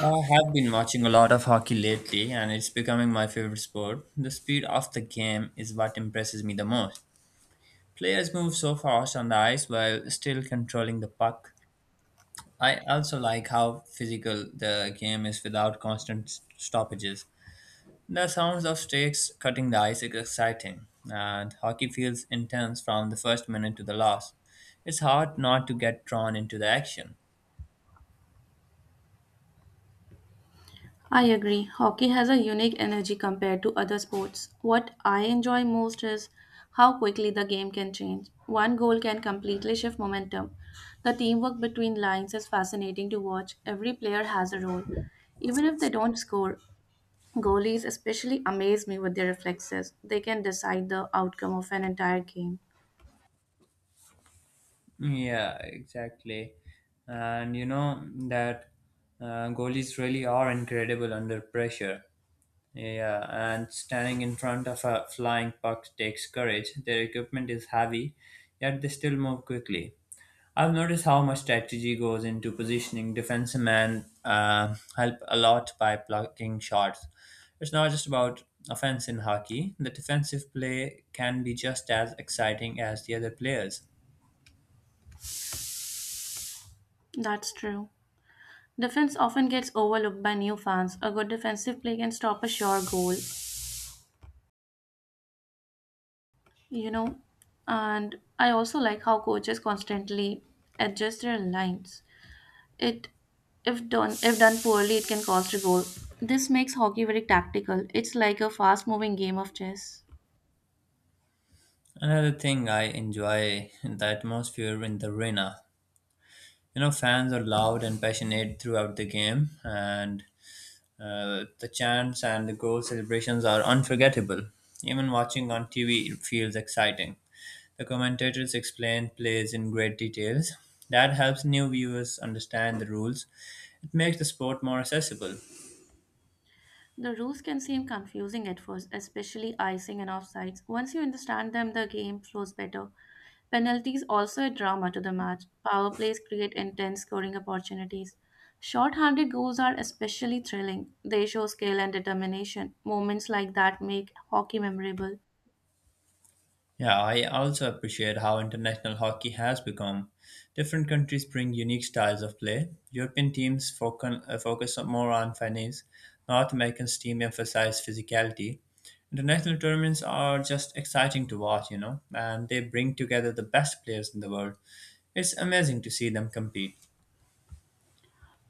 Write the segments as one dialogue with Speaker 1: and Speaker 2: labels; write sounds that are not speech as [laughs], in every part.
Speaker 1: I have been watching a lot of hockey lately, and it's becoming my favorite sport. The speed of the game is what impresses me the most. Players move so fast on the ice while still controlling the puck. I also like how physical the game is without constant stoppages. The sounds of sticks cutting the ice is exciting, and hockey feels intense from the first minute to the last. It's hard not to get drawn into the action.
Speaker 2: I agree. Hockey has a unique energy compared to other sports. What I enjoy most is how quickly the game can change. One goal can completely shift momentum. The teamwork between lines is fascinating to watch. Every player has a role. Even if they don't score, goalies especially amaze me with their reflexes. They can decide the outcome of an entire game.
Speaker 1: Yeah, exactly. And you know that goalies really are incredible under pressure. Yeah, and standing in front of a flying puck takes courage. Their equipment is heavy, yet they still move quickly. I've noticed how much strategy goes into positioning. Defensemen help a lot by blocking shots. It's not just about offense in hockey. The defensive play can be just as exciting as the other players.
Speaker 2: That's true. Defense often gets overlooked by new fans. A good defensive play can stop a sure goal you know and I also like how coaches constantly adjust their lines. It if done poorly, it can cost a goal. This makes hockey very tactical. It's like a fast moving game of chess.
Speaker 1: Another thing I enjoy is the atmosphere in the arena. You know, fans are loud and passionate throughout the game, and the chants and the goal celebrations are unforgettable. Even watching on TV feels exciting. The commentators explain plays in great details. That helps new viewers understand the rules. It makes the sport more accessible.
Speaker 2: The rules can seem confusing at first, especially icing and offsides. Once you understand them, the game flows better. Penalties also add drama to the match. Power plays create intense scoring opportunities. Short-handed goals are especially thrilling. They show skill and determination. Moments like that make hockey memorable.
Speaker 1: Yeah, I also appreciate how international hockey has become. Different countries bring unique styles of play. European teams focus more on finesse. North American teams emphasize physicality. International tournaments are just exciting to watch, you know, and they bring together the best players in the world. It's amazing to see them compete.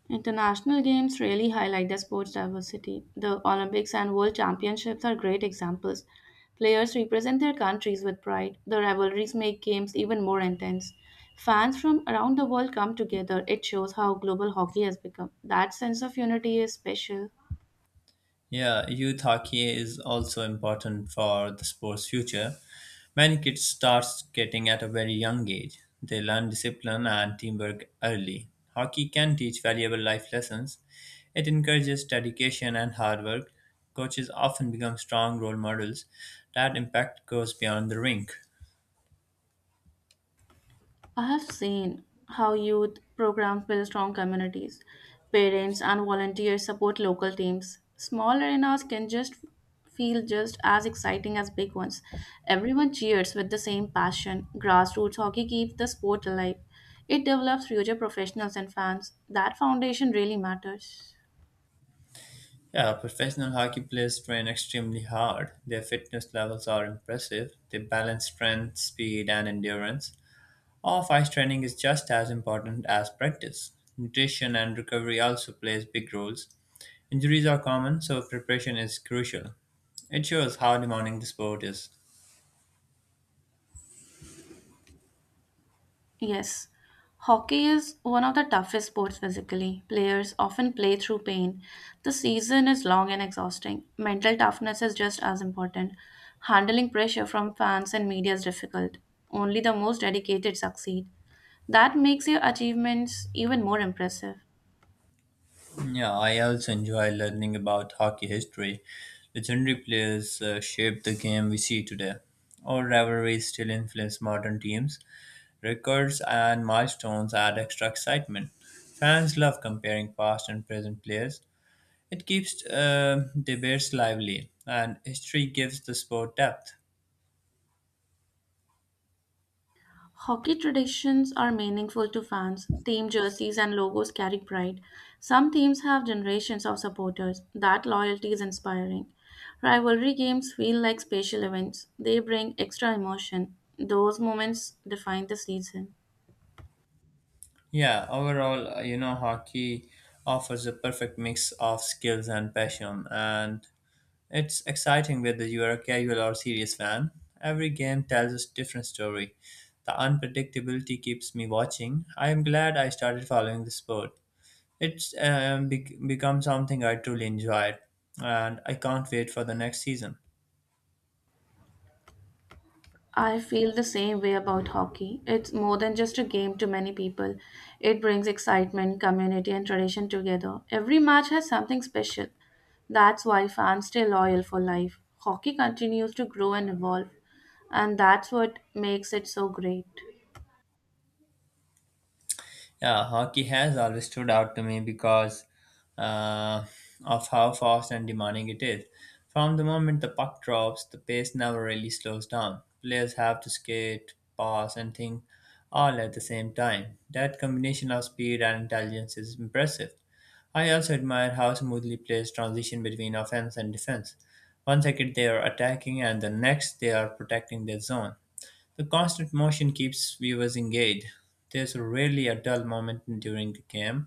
Speaker 2: International games really highlight the sport's diversity. The Olympics and World Championships are great examples. Players represent their countries with pride. The rivalries make games even more intense. Fans from around the world come together. It shows how global hockey has become. That sense of unity is special.
Speaker 1: Yeah, youth hockey is also important for the sport's future. Many kids start skating at a very young age. They learn discipline and teamwork early. Hockey can teach valuable life lessons. It encourages dedication and hard work. Coaches often become strong role models. That impact goes beyond the rink.
Speaker 2: I have seen how youth programs build strong communities. Parents and volunteers support local teams. Small arenas can just feel just as exciting as big ones. Everyone cheers with the same passion. Grassroots hockey keeps the sport alive. It develops future professionals and fans. That foundation really matters.
Speaker 1: Yeah, professional hockey players train extremely hard. Their fitness levels are impressive. They balance strength, speed, and endurance. Off ice training is just as important as practice. Nutrition and recovery also plays big roles. Injuries are common, so preparation is crucial. It shows how demanding the sport is.
Speaker 2: Yes, hockey is one of the toughest sports physically. Players often play through pain. The season is long and exhausting. Mental toughness is just as important. Handling pressure from fans and media is difficult. Only the most dedicated succeed. That makes your achievements even more impressive.
Speaker 1: Yeah, I also enjoy learning about hockey history. Legendary players shaped the game we see today. Old rivalries still influence modern teams. Records and milestones add extra excitement. Fans love comparing past and present players. It keeps debates lively, and history gives the sport depth.
Speaker 2: Hockey traditions are meaningful to fans. Team jerseys and logos carry pride. Some teams have generations of supporters. That loyalty is inspiring. Rivalry games feel like special events. They bring extra emotion. Those moments define the season.
Speaker 1: Yeah, overall, hockey offers a perfect mix of skills and passion, and it's exciting whether you are a casual or serious fan. Every game tells a different story. The unpredictability keeps me watching. I am glad I started following the sport. It's become something I truly enjoyed, and I can't wait for the next season.
Speaker 2: I feel the same way about hockey. It's more than just a game to many people. It brings excitement, community, and tradition together. Every match has something special. That's why fans stay loyal for life. Hockey continues to grow and evolve, and that's what makes it so great.
Speaker 1: Yeah, hockey has always stood out to me because uh, of how fast and demanding it is. From the moment the puck drops, the pace never really slows down. Players have to skate, pass, and think all at the same time. That combination of speed and intelligence is impressive. I also admire how smoothly players transition between offense and defense. One second they are attacking, and the next they are protecting their zone. The constant motion keeps viewers engaged. There's rarely a dull moment during the game,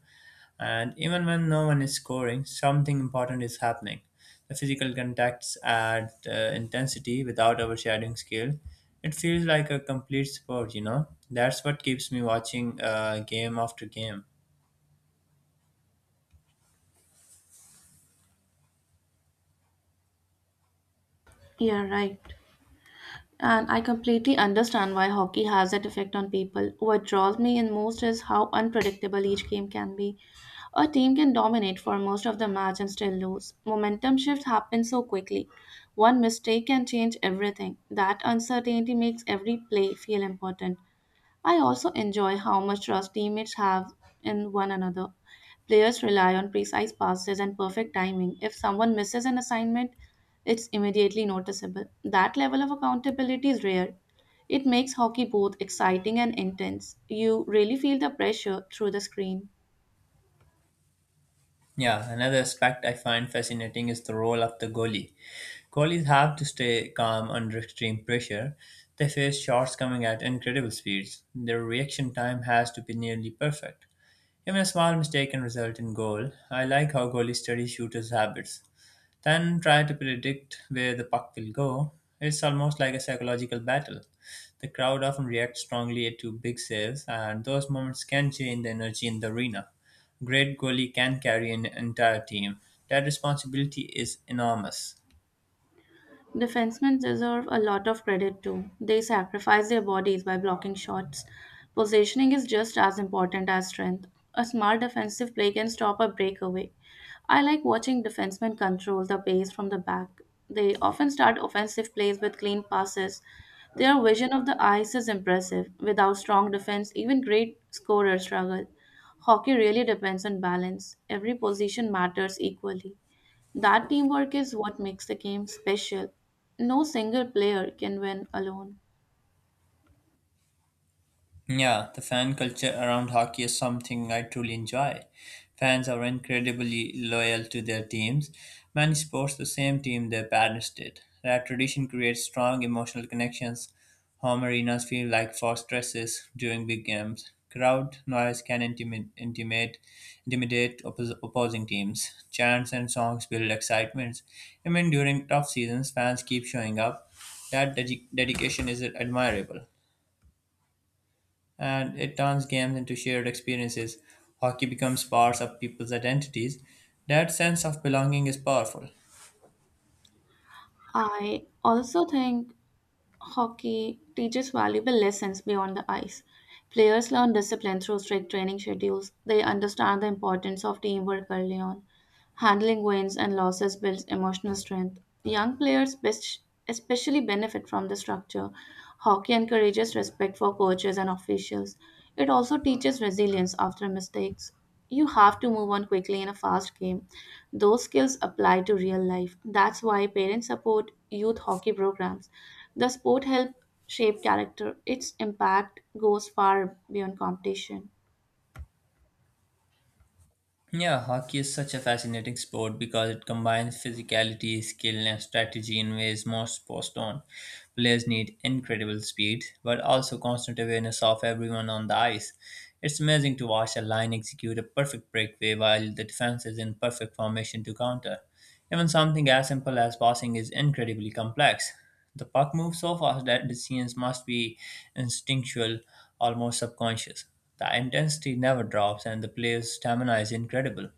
Speaker 1: and even when no one is scoring, something important is happening. The physical contacts add intensity without overshadowing skill. It feels like a complete sport, you know? That's what keeps me watching game after game.
Speaker 2: Yeah, right. And I completely understand why hockey has that effect on people. What draws me in most is how unpredictable each game can be. A team can dominate for most of the match and still lose. Momentum shift happens so quickly. One mistake can change everything. That uncertainty makes every play feel important. I also enjoy how much trust teammates have in one another. Players rely on precise passes and perfect timing. If someone misses an assignment, it's immediately noticeable. That level of accountability is rare. It makes hockey both exciting and intense. You really feel the pressure through the screen.
Speaker 1: Yeah, another aspect I find fascinating is the role of the goalie. Goalies have to stay calm under extreme pressure. They face shots coming at incredible speeds. Their reaction time has to be nearly perfect. Even a small mistake can result in goal. I like how goalies study shooters' habits then try to predict where the puck will go. It's almost like a psychological battle. The crowd often reacts strongly to big saves, and those moments can change the energy in the arena. Great goalie can carry an entire team. That responsibility is enormous.
Speaker 2: Defensemen deserve a lot of credit too. They sacrifice their bodies by blocking shots. Positioning is just as important as strength. A smart defensive play can stop a breakaway. I like watching defensemen control the pace from the back. They often start offensive plays with clean passes. Their vision of the ice is impressive. Without strong defense, even great scorers struggle. Hockey really depends on balance. Every position matters equally. That teamwork is what makes the game special. No single player can win alone.
Speaker 1: Yeah, the fan culture around hockey is something I truly enjoy. Fans are incredibly loyal to their teams. Many sports the same team their parents did. That tradition creates strong emotional connections. Home arenas feel like fortresses during big games. Crowd noise can intimidate opposing teams. Chants and songs build excitement. Even during tough seasons, fans keep showing up. That dedication is admirable, and it turns games into shared experiences. Hockey becomes parts of people's identities. That sense of belonging is powerful.
Speaker 2: I also think hockey teaches valuable lessons beyond the ice. Players learn discipline through strict training schedules. They understand the importance of teamwork early on. Handling wins and losses builds emotional strength. Young players especially benefit from the structure. Hockey encourages respect for coaches and officials. It also teaches resilience after mistakes. You have to move on quickly in a fast game. Those skills apply to real life. That's why parents support youth hockey programs. The sport helps shape character. Its impact goes far beyond competition.
Speaker 1: Yeah, hockey is such a fascinating sport because it combines physicality, skill, and strategy in ways most sports don't. Players need incredible speed, but also constant awareness of everyone on the ice. It's amazing to watch a line execute a perfect breakaway while the defense is in perfect formation to counter. Even something as simple as passing is incredibly complex. The puck moves so fast that decisions must be instinctual, almost subconscious. The intensity never drops, and the player's stamina is incredible,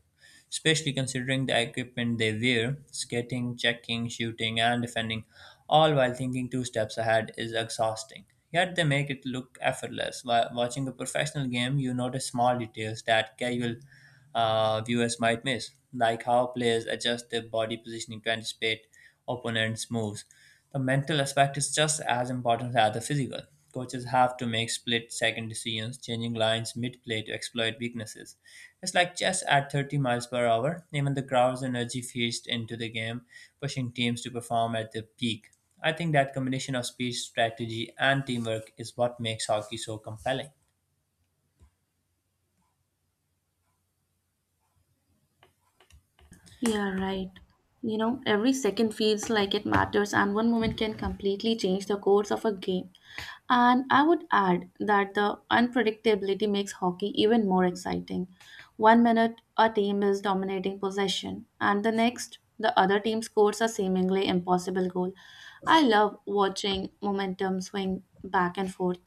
Speaker 1: especially considering the equipment they wear skating, checking, shooting, and defending, all while thinking two steps ahead is exhausting. Yet they make it look effortless. While watching a professional game, you notice small details that casual viewers might miss, like how players adjust their body positioning to anticipate opponent's moves. The mental aspect is just as important as the physical. Coaches have to make split second decisions, changing lines mid play to exploit weaknesses. It's like chess at 30 miles per hour. Even the crowd's energy feeds into the game, pushing teams to perform at their peak. I think that combination of speed, strategy, and teamwork is what makes hockey so compelling.
Speaker 2: Yeah, right. You know, every second feels like it matters, and one moment can completely change the course of a game. And I would add that the unpredictability makes hockey even more exciting. One minute, a team is dominating possession, and the next, the other team scores a seemingly impossible goal. I love watching momentum swing back and forth.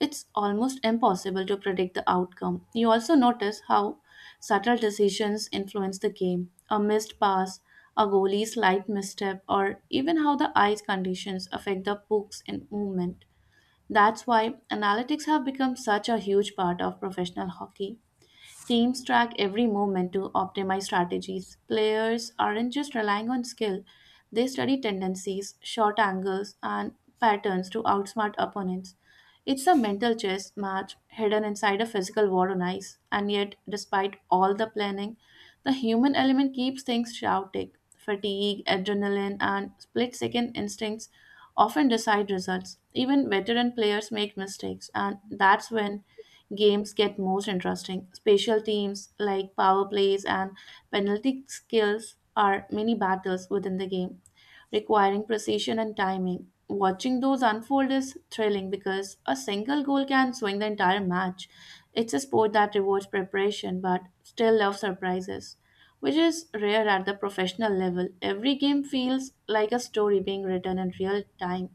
Speaker 2: It's almost impossible to predict the outcome. You also notice how subtle decisions influence the game. A missed pass, a goalie's slight misstep, or even how the ice conditions affect the puck's in movement. That's why analytics have become such a huge part of professional hockey. Teams track every movement to optimize strategies. Players aren't just relying on skill, they study tendencies, shot angles, and patterns to outsmart opponents. It's a mental chess match hidden inside a physical war on ice, and yet, despite all the planning, the human element keeps things chaotic. Fatigue, adrenaline, and split second instincts often decide results. Even veteran players make mistakes, and that's when games get most interesting. Special teams like power plays and penalty skills are mini battles within the game requiring precision and timing. Watching those unfold is thrilling because a single goal can swing the entire match. It's a sport that rewards preparation but still loves surprises, which is rare at the professional level. Every game feels like a story being written in real time.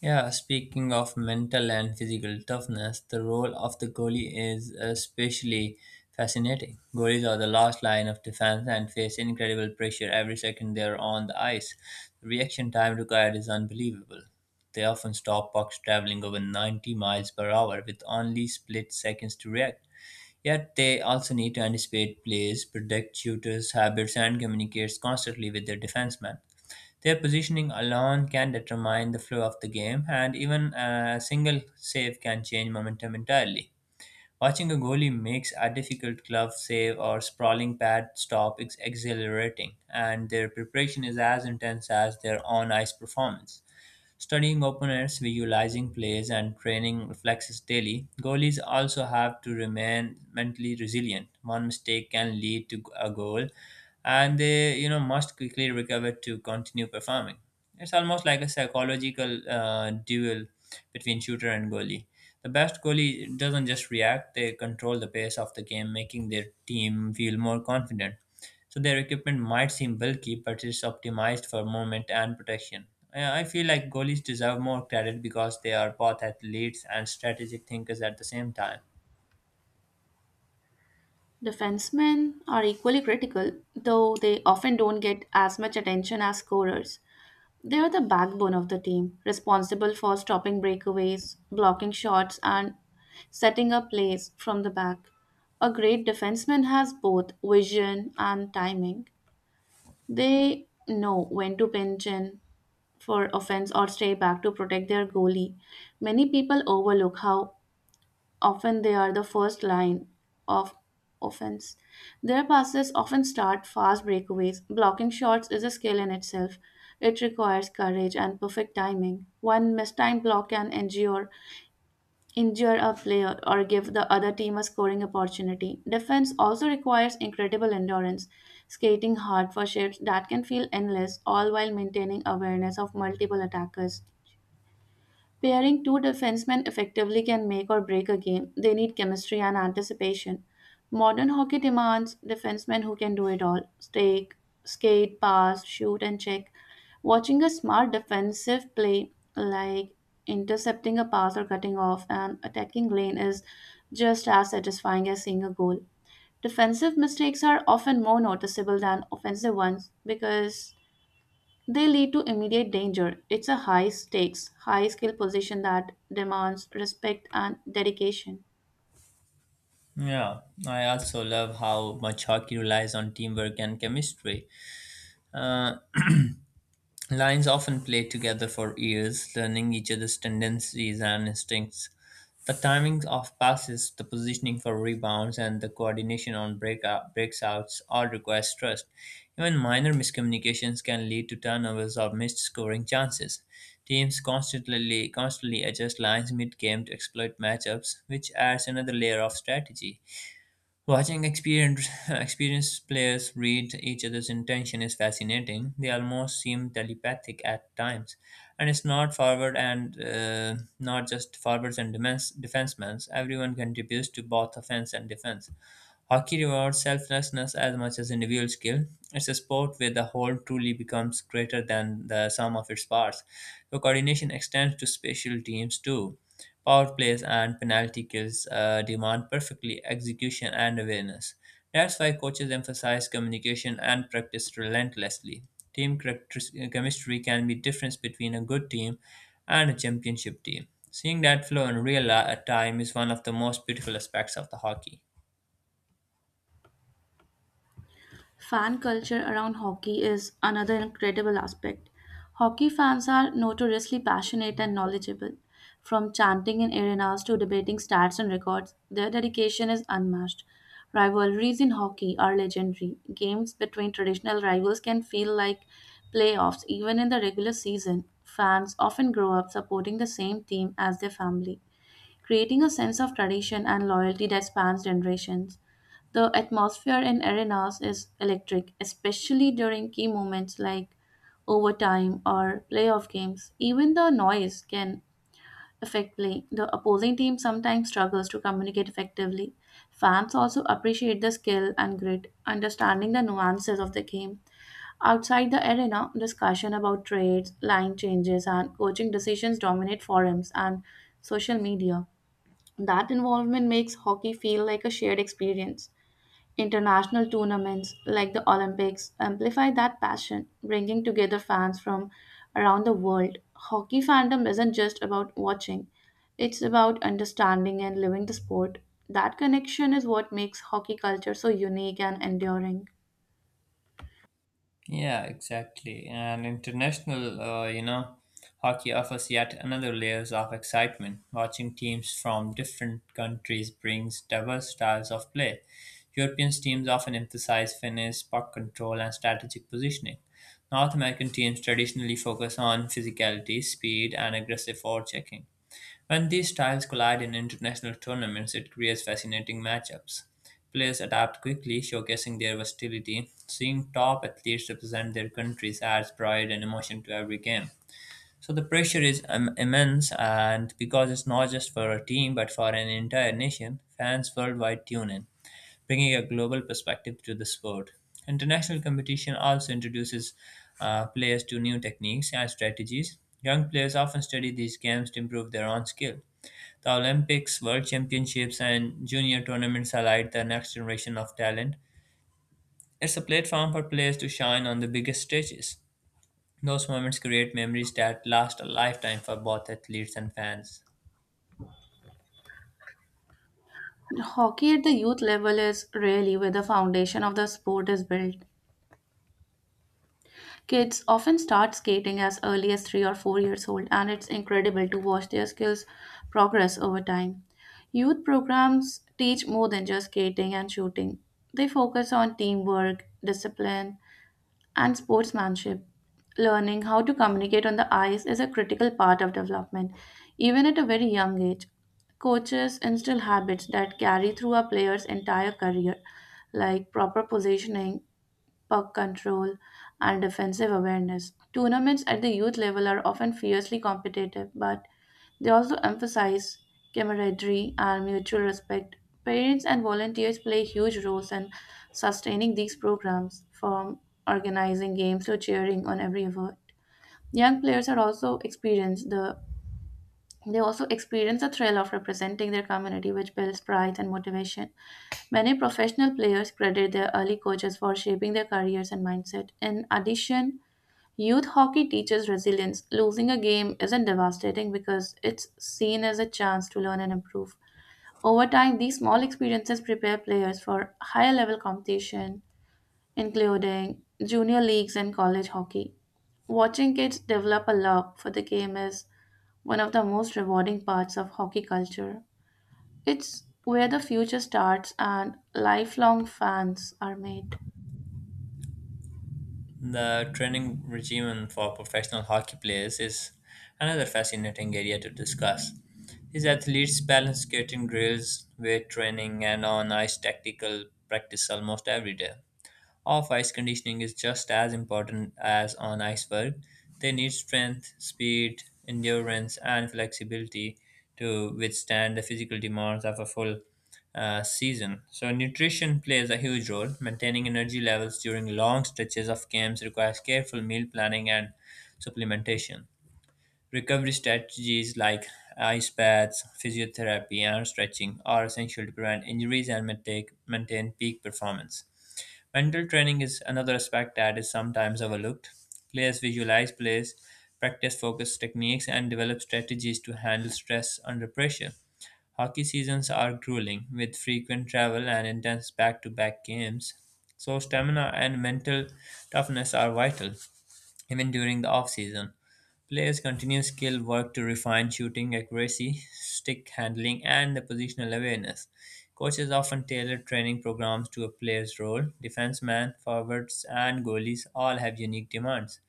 Speaker 1: Yeah, speaking of mental and physical toughness, the role of the goalie is especially fascinating. Goalies are the last line of defense and face incredible pressure every second they're on the ice. The reaction time required is unbelievable. They often stop pucks traveling over 90 miles per hour with only split seconds to react. Yet they also need to anticipate plays, predict shooters' habits, and communicate constantly with their defensemen. Their positioning alone can determine the flow of the game, and even a single save can change momentum entirely. Watching a goalie makes a difficult glove save or sprawling pad stop is exhilarating, and their preparation is as intense as their on ice performance. Studying opponents, visualizing plays, and training reflexes daily, goalies also have to remain mentally resilient. One mistake can lead to a goal, and they must quickly recover to continue performing. It's almost like a psychological duel between shooter and goalie. The best goalie doesn't just react; they control the pace of the game, making their team feel more confident. So their equipment might seem bulky, but it's optimized for movement and protection. I feel like goalies deserve more credit because they are both athletes and strategic thinkers at the same time.
Speaker 2: Defensemen are equally critical, though they often don't get as much attention as scorers. They are the backbone of the team, responsible for stopping breakaways, blocking shots, and setting up plays from the back. A great defenseman has both vision and timing. They know when to pinch in for offense or stay back to protect their goalie. Many people overlook how often they are the first line of offense. Their passes often start fast breakaways. Blocking shots is a skill in itself. It requires courage and perfect timing. One mistimed block can injure a player or give the other team a scoring opportunity. Defense also requires incredible endurance, skating hard for shifts that can feel endless, all while maintaining awareness of multiple attackers. Pairing two defensemen effectively can make or break a game. They need chemistry and anticipation. Modern hockey demands defensemen who can do it all: skate, pass, shoot, and check. Watching a smart defensive play, like intercepting a pass or cutting off an attacking lane, is just as satisfying as seeing a goal. Defensive mistakes are often more noticeable than offensive ones because they lead to immediate danger. It's a high stakes, high skill position that demands respect and dedication.
Speaker 1: Yeah, I also love how much hockey relies on teamwork and chemistry. Uh, Lions often play together for years, learning each other's tendencies and instincts. The timing of passes, the positioning for rebounds, and the coordination on breakouts all requires trust. Even minor miscommunications can lead to turnovers or missed scoring chances. Teams constantly adjust lines mid-game to exploit matchups, which adds another layer of strategy. Watching [laughs] experienced players read each other's intention is fascinating. They almost seem telepathic at times, and it's not forward and not just forwards and defensemen. Everyone contributes to both offense and defense. Hockey rewards selflessness as much as individual skill. It's a sport where the whole truly becomes greater than the sum of its parts. So coordination extends to special teams too. Power plays and penalty kills demand perfectly execution and awareness. That's why coaches emphasize communication and practice relentlessly. Team chemistry can be difference between a good team and a championship team. Seeing that flow in time is one of the most beautiful aspects of the hockey.
Speaker 2: Fan culture around hockey is another incredible aspect. Hockey fans are notoriously passionate and knowledgeable. From chanting in arenas to debating stats and records, their dedication is unmatched. Rivalries in hockey are legendary. Games between traditional rivals can feel like playoffs even in the regular season. Fans often grow up supporting the same team as their family, creating a sense of tradition and loyalty that spans generations. The atmosphere in arenas is electric, especially during key moments like overtime or playoff games. Even the noise can affect play. The opposing team sometimes struggles to communicate effectively. Fans also appreciate the skill and grit, understanding the nuances of the game. Outside the arena, discussion about trades, line changes, and coaching decisions dominate forums and social media. That involvement makes hockey feel like a shared experience. International tournaments like the Olympics amplify that passion, bringing together fans from around the world. Hockey fandom isn't just about watching, it's about understanding and living the sport. That connection is what makes hockey culture so unique and enduring.
Speaker 1: Yeah, exactly. And international, you know, hockey offers yet another layers of excitement. Watching teams from different countries brings diverse styles of play. European teams often emphasize finesse, puck control, and strategic positioning. North American teams traditionally focus on physicality, speed, and aggressive forechecking. When these styles collide in international tournaments, it creates fascinating matchups. Players adapt quickly, showcasing their versatility. Seeing top athletes represent their countries adds pride and emotion to every game. So the pressure is immense, and because it's not just for a team but for an entire nation, fans worldwide tune in, bringing a global perspective to the sport. International competition also introduces players to new techniques and strategies. Young players often study these games to improve their own skill. The Olympics, World Championships, and junior tournaments highlight the next generation of talent. It's a platform for players to shine on the biggest stages. Those moments create memories that last a lifetime for both athletes and fans.
Speaker 2: Hockey at the youth level is really where the foundation of the sport is built. Kids often start skating as early as 3 or 4 years old, and it's incredible to watch their skills progress over time. Youth programs teach more than just skating and shooting, they focus on teamwork, discipline, and sportsmanship. Learning how to communicate on the ice is a critical part of development, even at a very young age. Coaches instill habits that carry through a player's entire career, like proper positioning, puck control, and defensive awareness. Tournaments at the youth level are often fiercely competitive, but they also emphasize camaraderie and mutual respect. Parents and volunteers play huge roles in sustaining these programs, from organizing games to cheering on every event. Young players are also experience the they also experience the thrill of representing their community, which builds pride and motivation. Many professional players credit their early coaches for shaping their careers and mindset. In addition, youth hockey teaches resilience. Losing a game isn't devastating because it's seen as a chance to learn and improve. Over time, these small experiences prepare players for higher level competition, including junior leagues and college hockey. Watching kids develop a love for the game is one of the most rewarding parts of hockey culture. It's where the future starts and lifelong fans are made.
Speaker 1: The training regimen for professional hockey players is another fascinating area to discuss. These athletes balance skating drills, weight training, and on ice tactical practice almost every day. Off ice conditioning is just as important as on ice work. They need strength, speed, endurance, and flexibility to withstand the physical demands of a full season. So, nutrition plays a huge role. Maintaining energy levels during long stretches of games requires careful meal planning and supplementation. Recovery strategies like ice baths, physiotherapy, and stretching are essential to prevent injuries and maintain peak performance. Mental training is another aspect that is sometimes overlooked. Players visualize plays, practice focus techniques, and develop strategies to handle stress under pressure. Hockey seasons are grueling, with frequent travel and intense back to back games, so stamina and mental toughness are vital. Even during the off-season, players continue skill work to refine shooting accuracy, stick handling, and the positional awareness. Coaches often tailor training programs to a player's role. Defensemen, forwards, and goalies all have unique demands.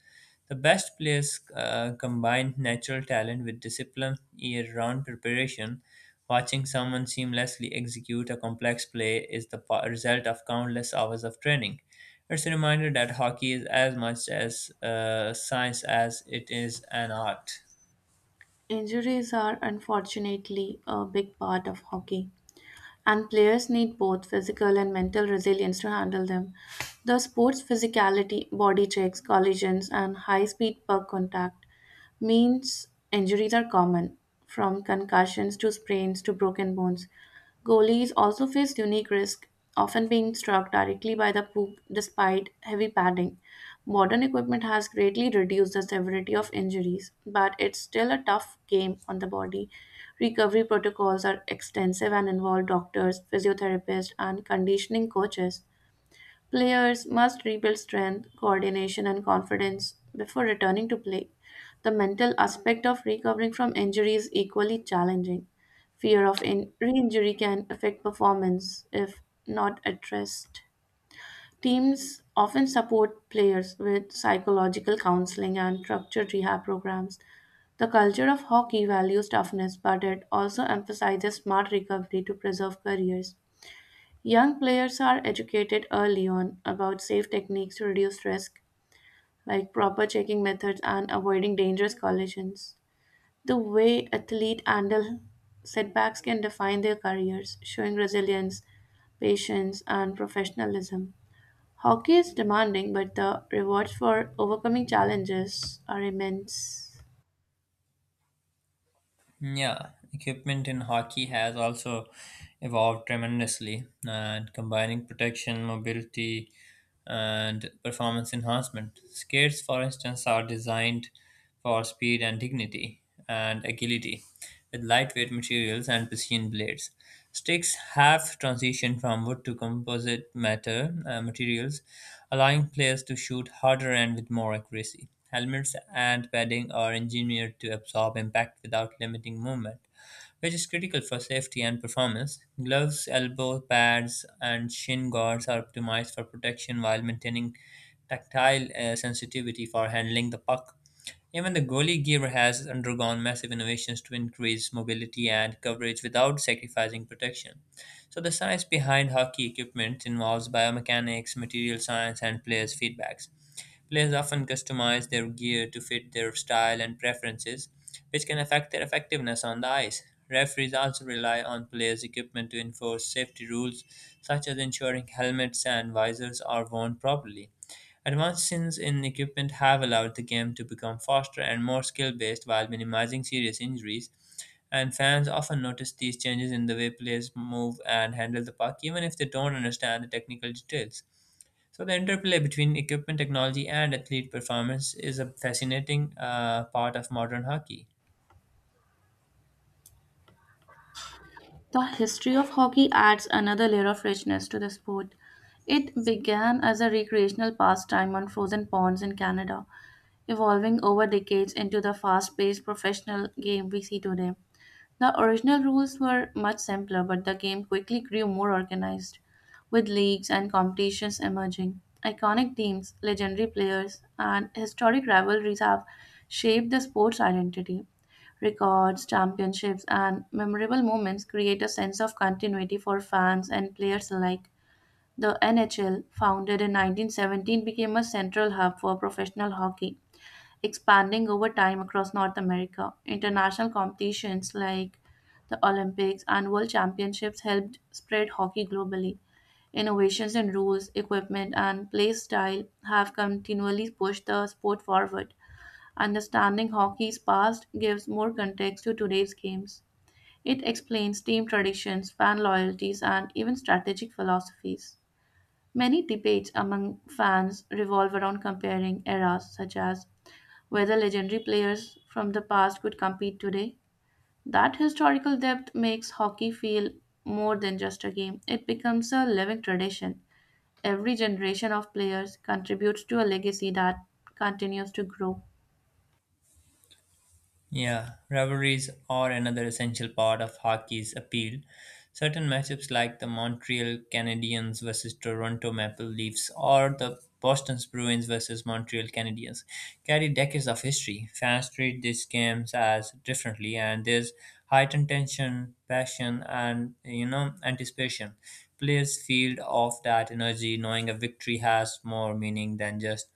Speaker 1: The best players combine natural talent with discipline, year round preparation. Watching someone seamlessly execute a complex play is the result of countless hours of training. It's a reminder that hockey is as much as science as it is an art.
Speaker 2: Injuries are unfortunately a big part of hockey, and players need both physical and mental resilience to handle them. The sport's physicality, body checks, collisions, and high speed puck contact means injuries are common, from concussions to sprains to broken bones. Goalies also faced unique risk, often being struck directly by the hoop despite heavy padding. Modern equipment has greatly reduced the severity of injuries, but it's still a tough game on the body. Recovery protocols are extensive and involve doctors, physiotherapists, and conditioning coaches. Players must rebuild strength, coordination, and confidence before returning to play. The mental aspect of recovering from injury is equally challenging. Fear of in- re injury can affect performance if not addressed. Teams often support players with psychological counseling and structured rehab programs. The culture of hockey values toughness, but it also emphasizes smart recovery to preserve careers. Young players are educated early on about safe techniques to reduce risk, like proper checking methods and avoiding dangerous collisions. The way athletes handle setbacks can define their careers, showing resilience, patience, and professionalism. Hockey is demanding, but the rewards for overcoming challenges are immense.
Speaker 1: Yeah, equipment in hockey has also evolved tremendously, and combining protection, mobility, and performance enhancement. Skates, for instance, are designed for speed and dignity and agility with lightweight materials and precision blades. Sticks have transitioned from wood to composite matter materials, allowing players to shoot harder and with more accuracy. Helmets and padding are engineered to absorb impact without limiting movement, which is critical for safety and performance. Gloves, elbow pads, and shin guards are optimized for protection while maintaining tactile sensitivity for handling the puck. Even the goalie gear has undergone massive innovations to increase mobility and coverage without sacrificing protection. So the science behind hockey equipment involves biomechanics, material science, and players' feedbacks. Players often customize their gear to fit their style and preferences, which can affect their effectiveness on the ice. Referees also rely on players' equipment to enforce safety rules, such as ensuring helmets and visors are worn properly. Advancements in equipment have allowed the game to become faster and more skill-based while minimizing serious injuries, and fans often notice these changes in the way players move and handle the puck, even if they don't understand the technical details. So, the interplay between equipment technology and athlete performance is a fascinating part of modern hockey.
Speaker 2: The history of hockey adds another layer of richness to the sport. It began as a recreational pastime on frozen ponds in Canada, evolving over decades into the fast paced professional game we see today. The original rules were much simpler, but the game quickly grew more organized, with leagues and competitions emerging. Iconic teams, legendary players, and historic rivalries have shaped the sport's identity. Records, championships, and memorable moments create a sense of continuity for fans and players alike. The NHL, founded in 1917, became a central hub for professional hockey, expanding over time across North America. International competitions like the Olympics and World Championships helped spread hockey globally. Innovations in rules, equipment, and play style have continually pushed the sport forward. Understanding hockey's past gives more context to today's games. It explains team traditions, fan loyalties, and even strategic philosophies. Many debates among fans revolve around comparing eras, such as whether legendary players from the past could compete today. That historical depth makes hockey feel more than just a game, it becomes a living tradition. Every generation of players contributes to a legacy that continues to grow.
Speaker 1: Yeah, rivalries are another essential part of hockey's appeal. Certain matchups like the Montreal Canadiens versus Toronto Maple Leafs or the Boston Bruins versus Montreal Canadiens carry decades of history. Fans treat these games as differently, and there's heightened tension, passion, and anticipation. Players feel off that energy, knowing a victory has more meaning than just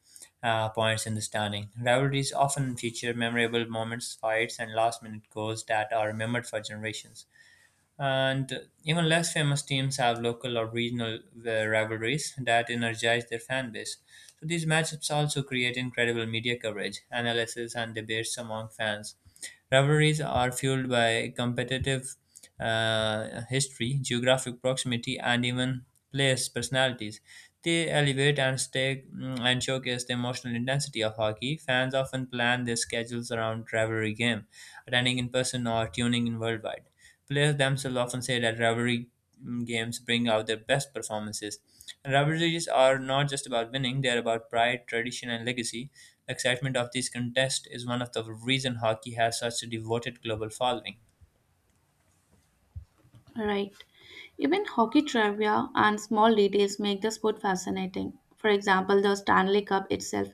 Speaker 1: points in the standing. Rivalries often feature memorable moments, fights, and last minute goals that are remembered for generations. And even less famous teams have local or regional rivalries that energize their fan base. So these matchups also create incredible media coverage, analysis, and debates among fans. Rivalries are fueled by competitive history, geographic proximity, and even players' personalities. They elevate and stake and showcase the emotional intensity of hockey. Fans often plan their schedules around rivalry game, attending in person or tuning in worldwide. Players themselves often say that rivalry games bring out their best performances. And rivalries are not just about winning, they are about pride, tradition, and legacy. The excitement of these contests is one of the reasons hockey has such a devoted global following.
Speaker 2: Right. Even hockey trivia and small details make the sport fascinating. For example, the Stanley Cup itself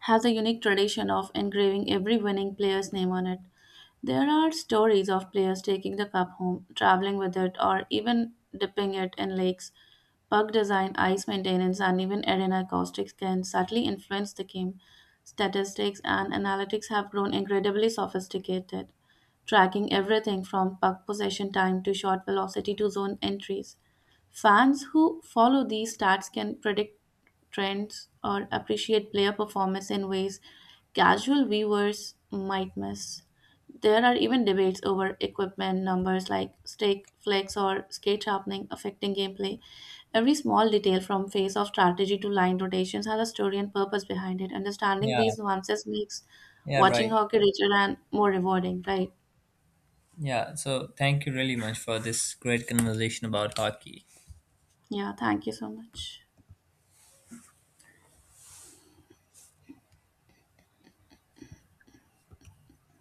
Speaker 2: has a unique tradition of engraving every winning player's name on it. There are stories of players taking the cup home, traveling with it, or even dipping it in lakes. Puck design, ice maintenance, and even arena acoustics can subtly influence the game. Statistics and analytics have grown incredibly sophisticated tracking everything from puck possession time to shot velocity to zone entries. Fans who follow these stats can predict trends or appreciate player performance in ways casual viewers might miss. There are even debates over equipment numbers like stake, flex, or skate sharpening affecting gameplay. Every small detail from phase of strategy to line rotations has a story and purpose behind it. Understanding
Speaker 1: Yeah,
Speaker 2: these nuances makes
Speaker 1: yeah,
Speaker 2: watching
Speaker 1: right.
Speaker 2: hockey richer and more rewarding, right?
Speaker 1: Yeah, so thank you really much for this great conversation about hockey.
Speaker 2: Yeah, thank you so much.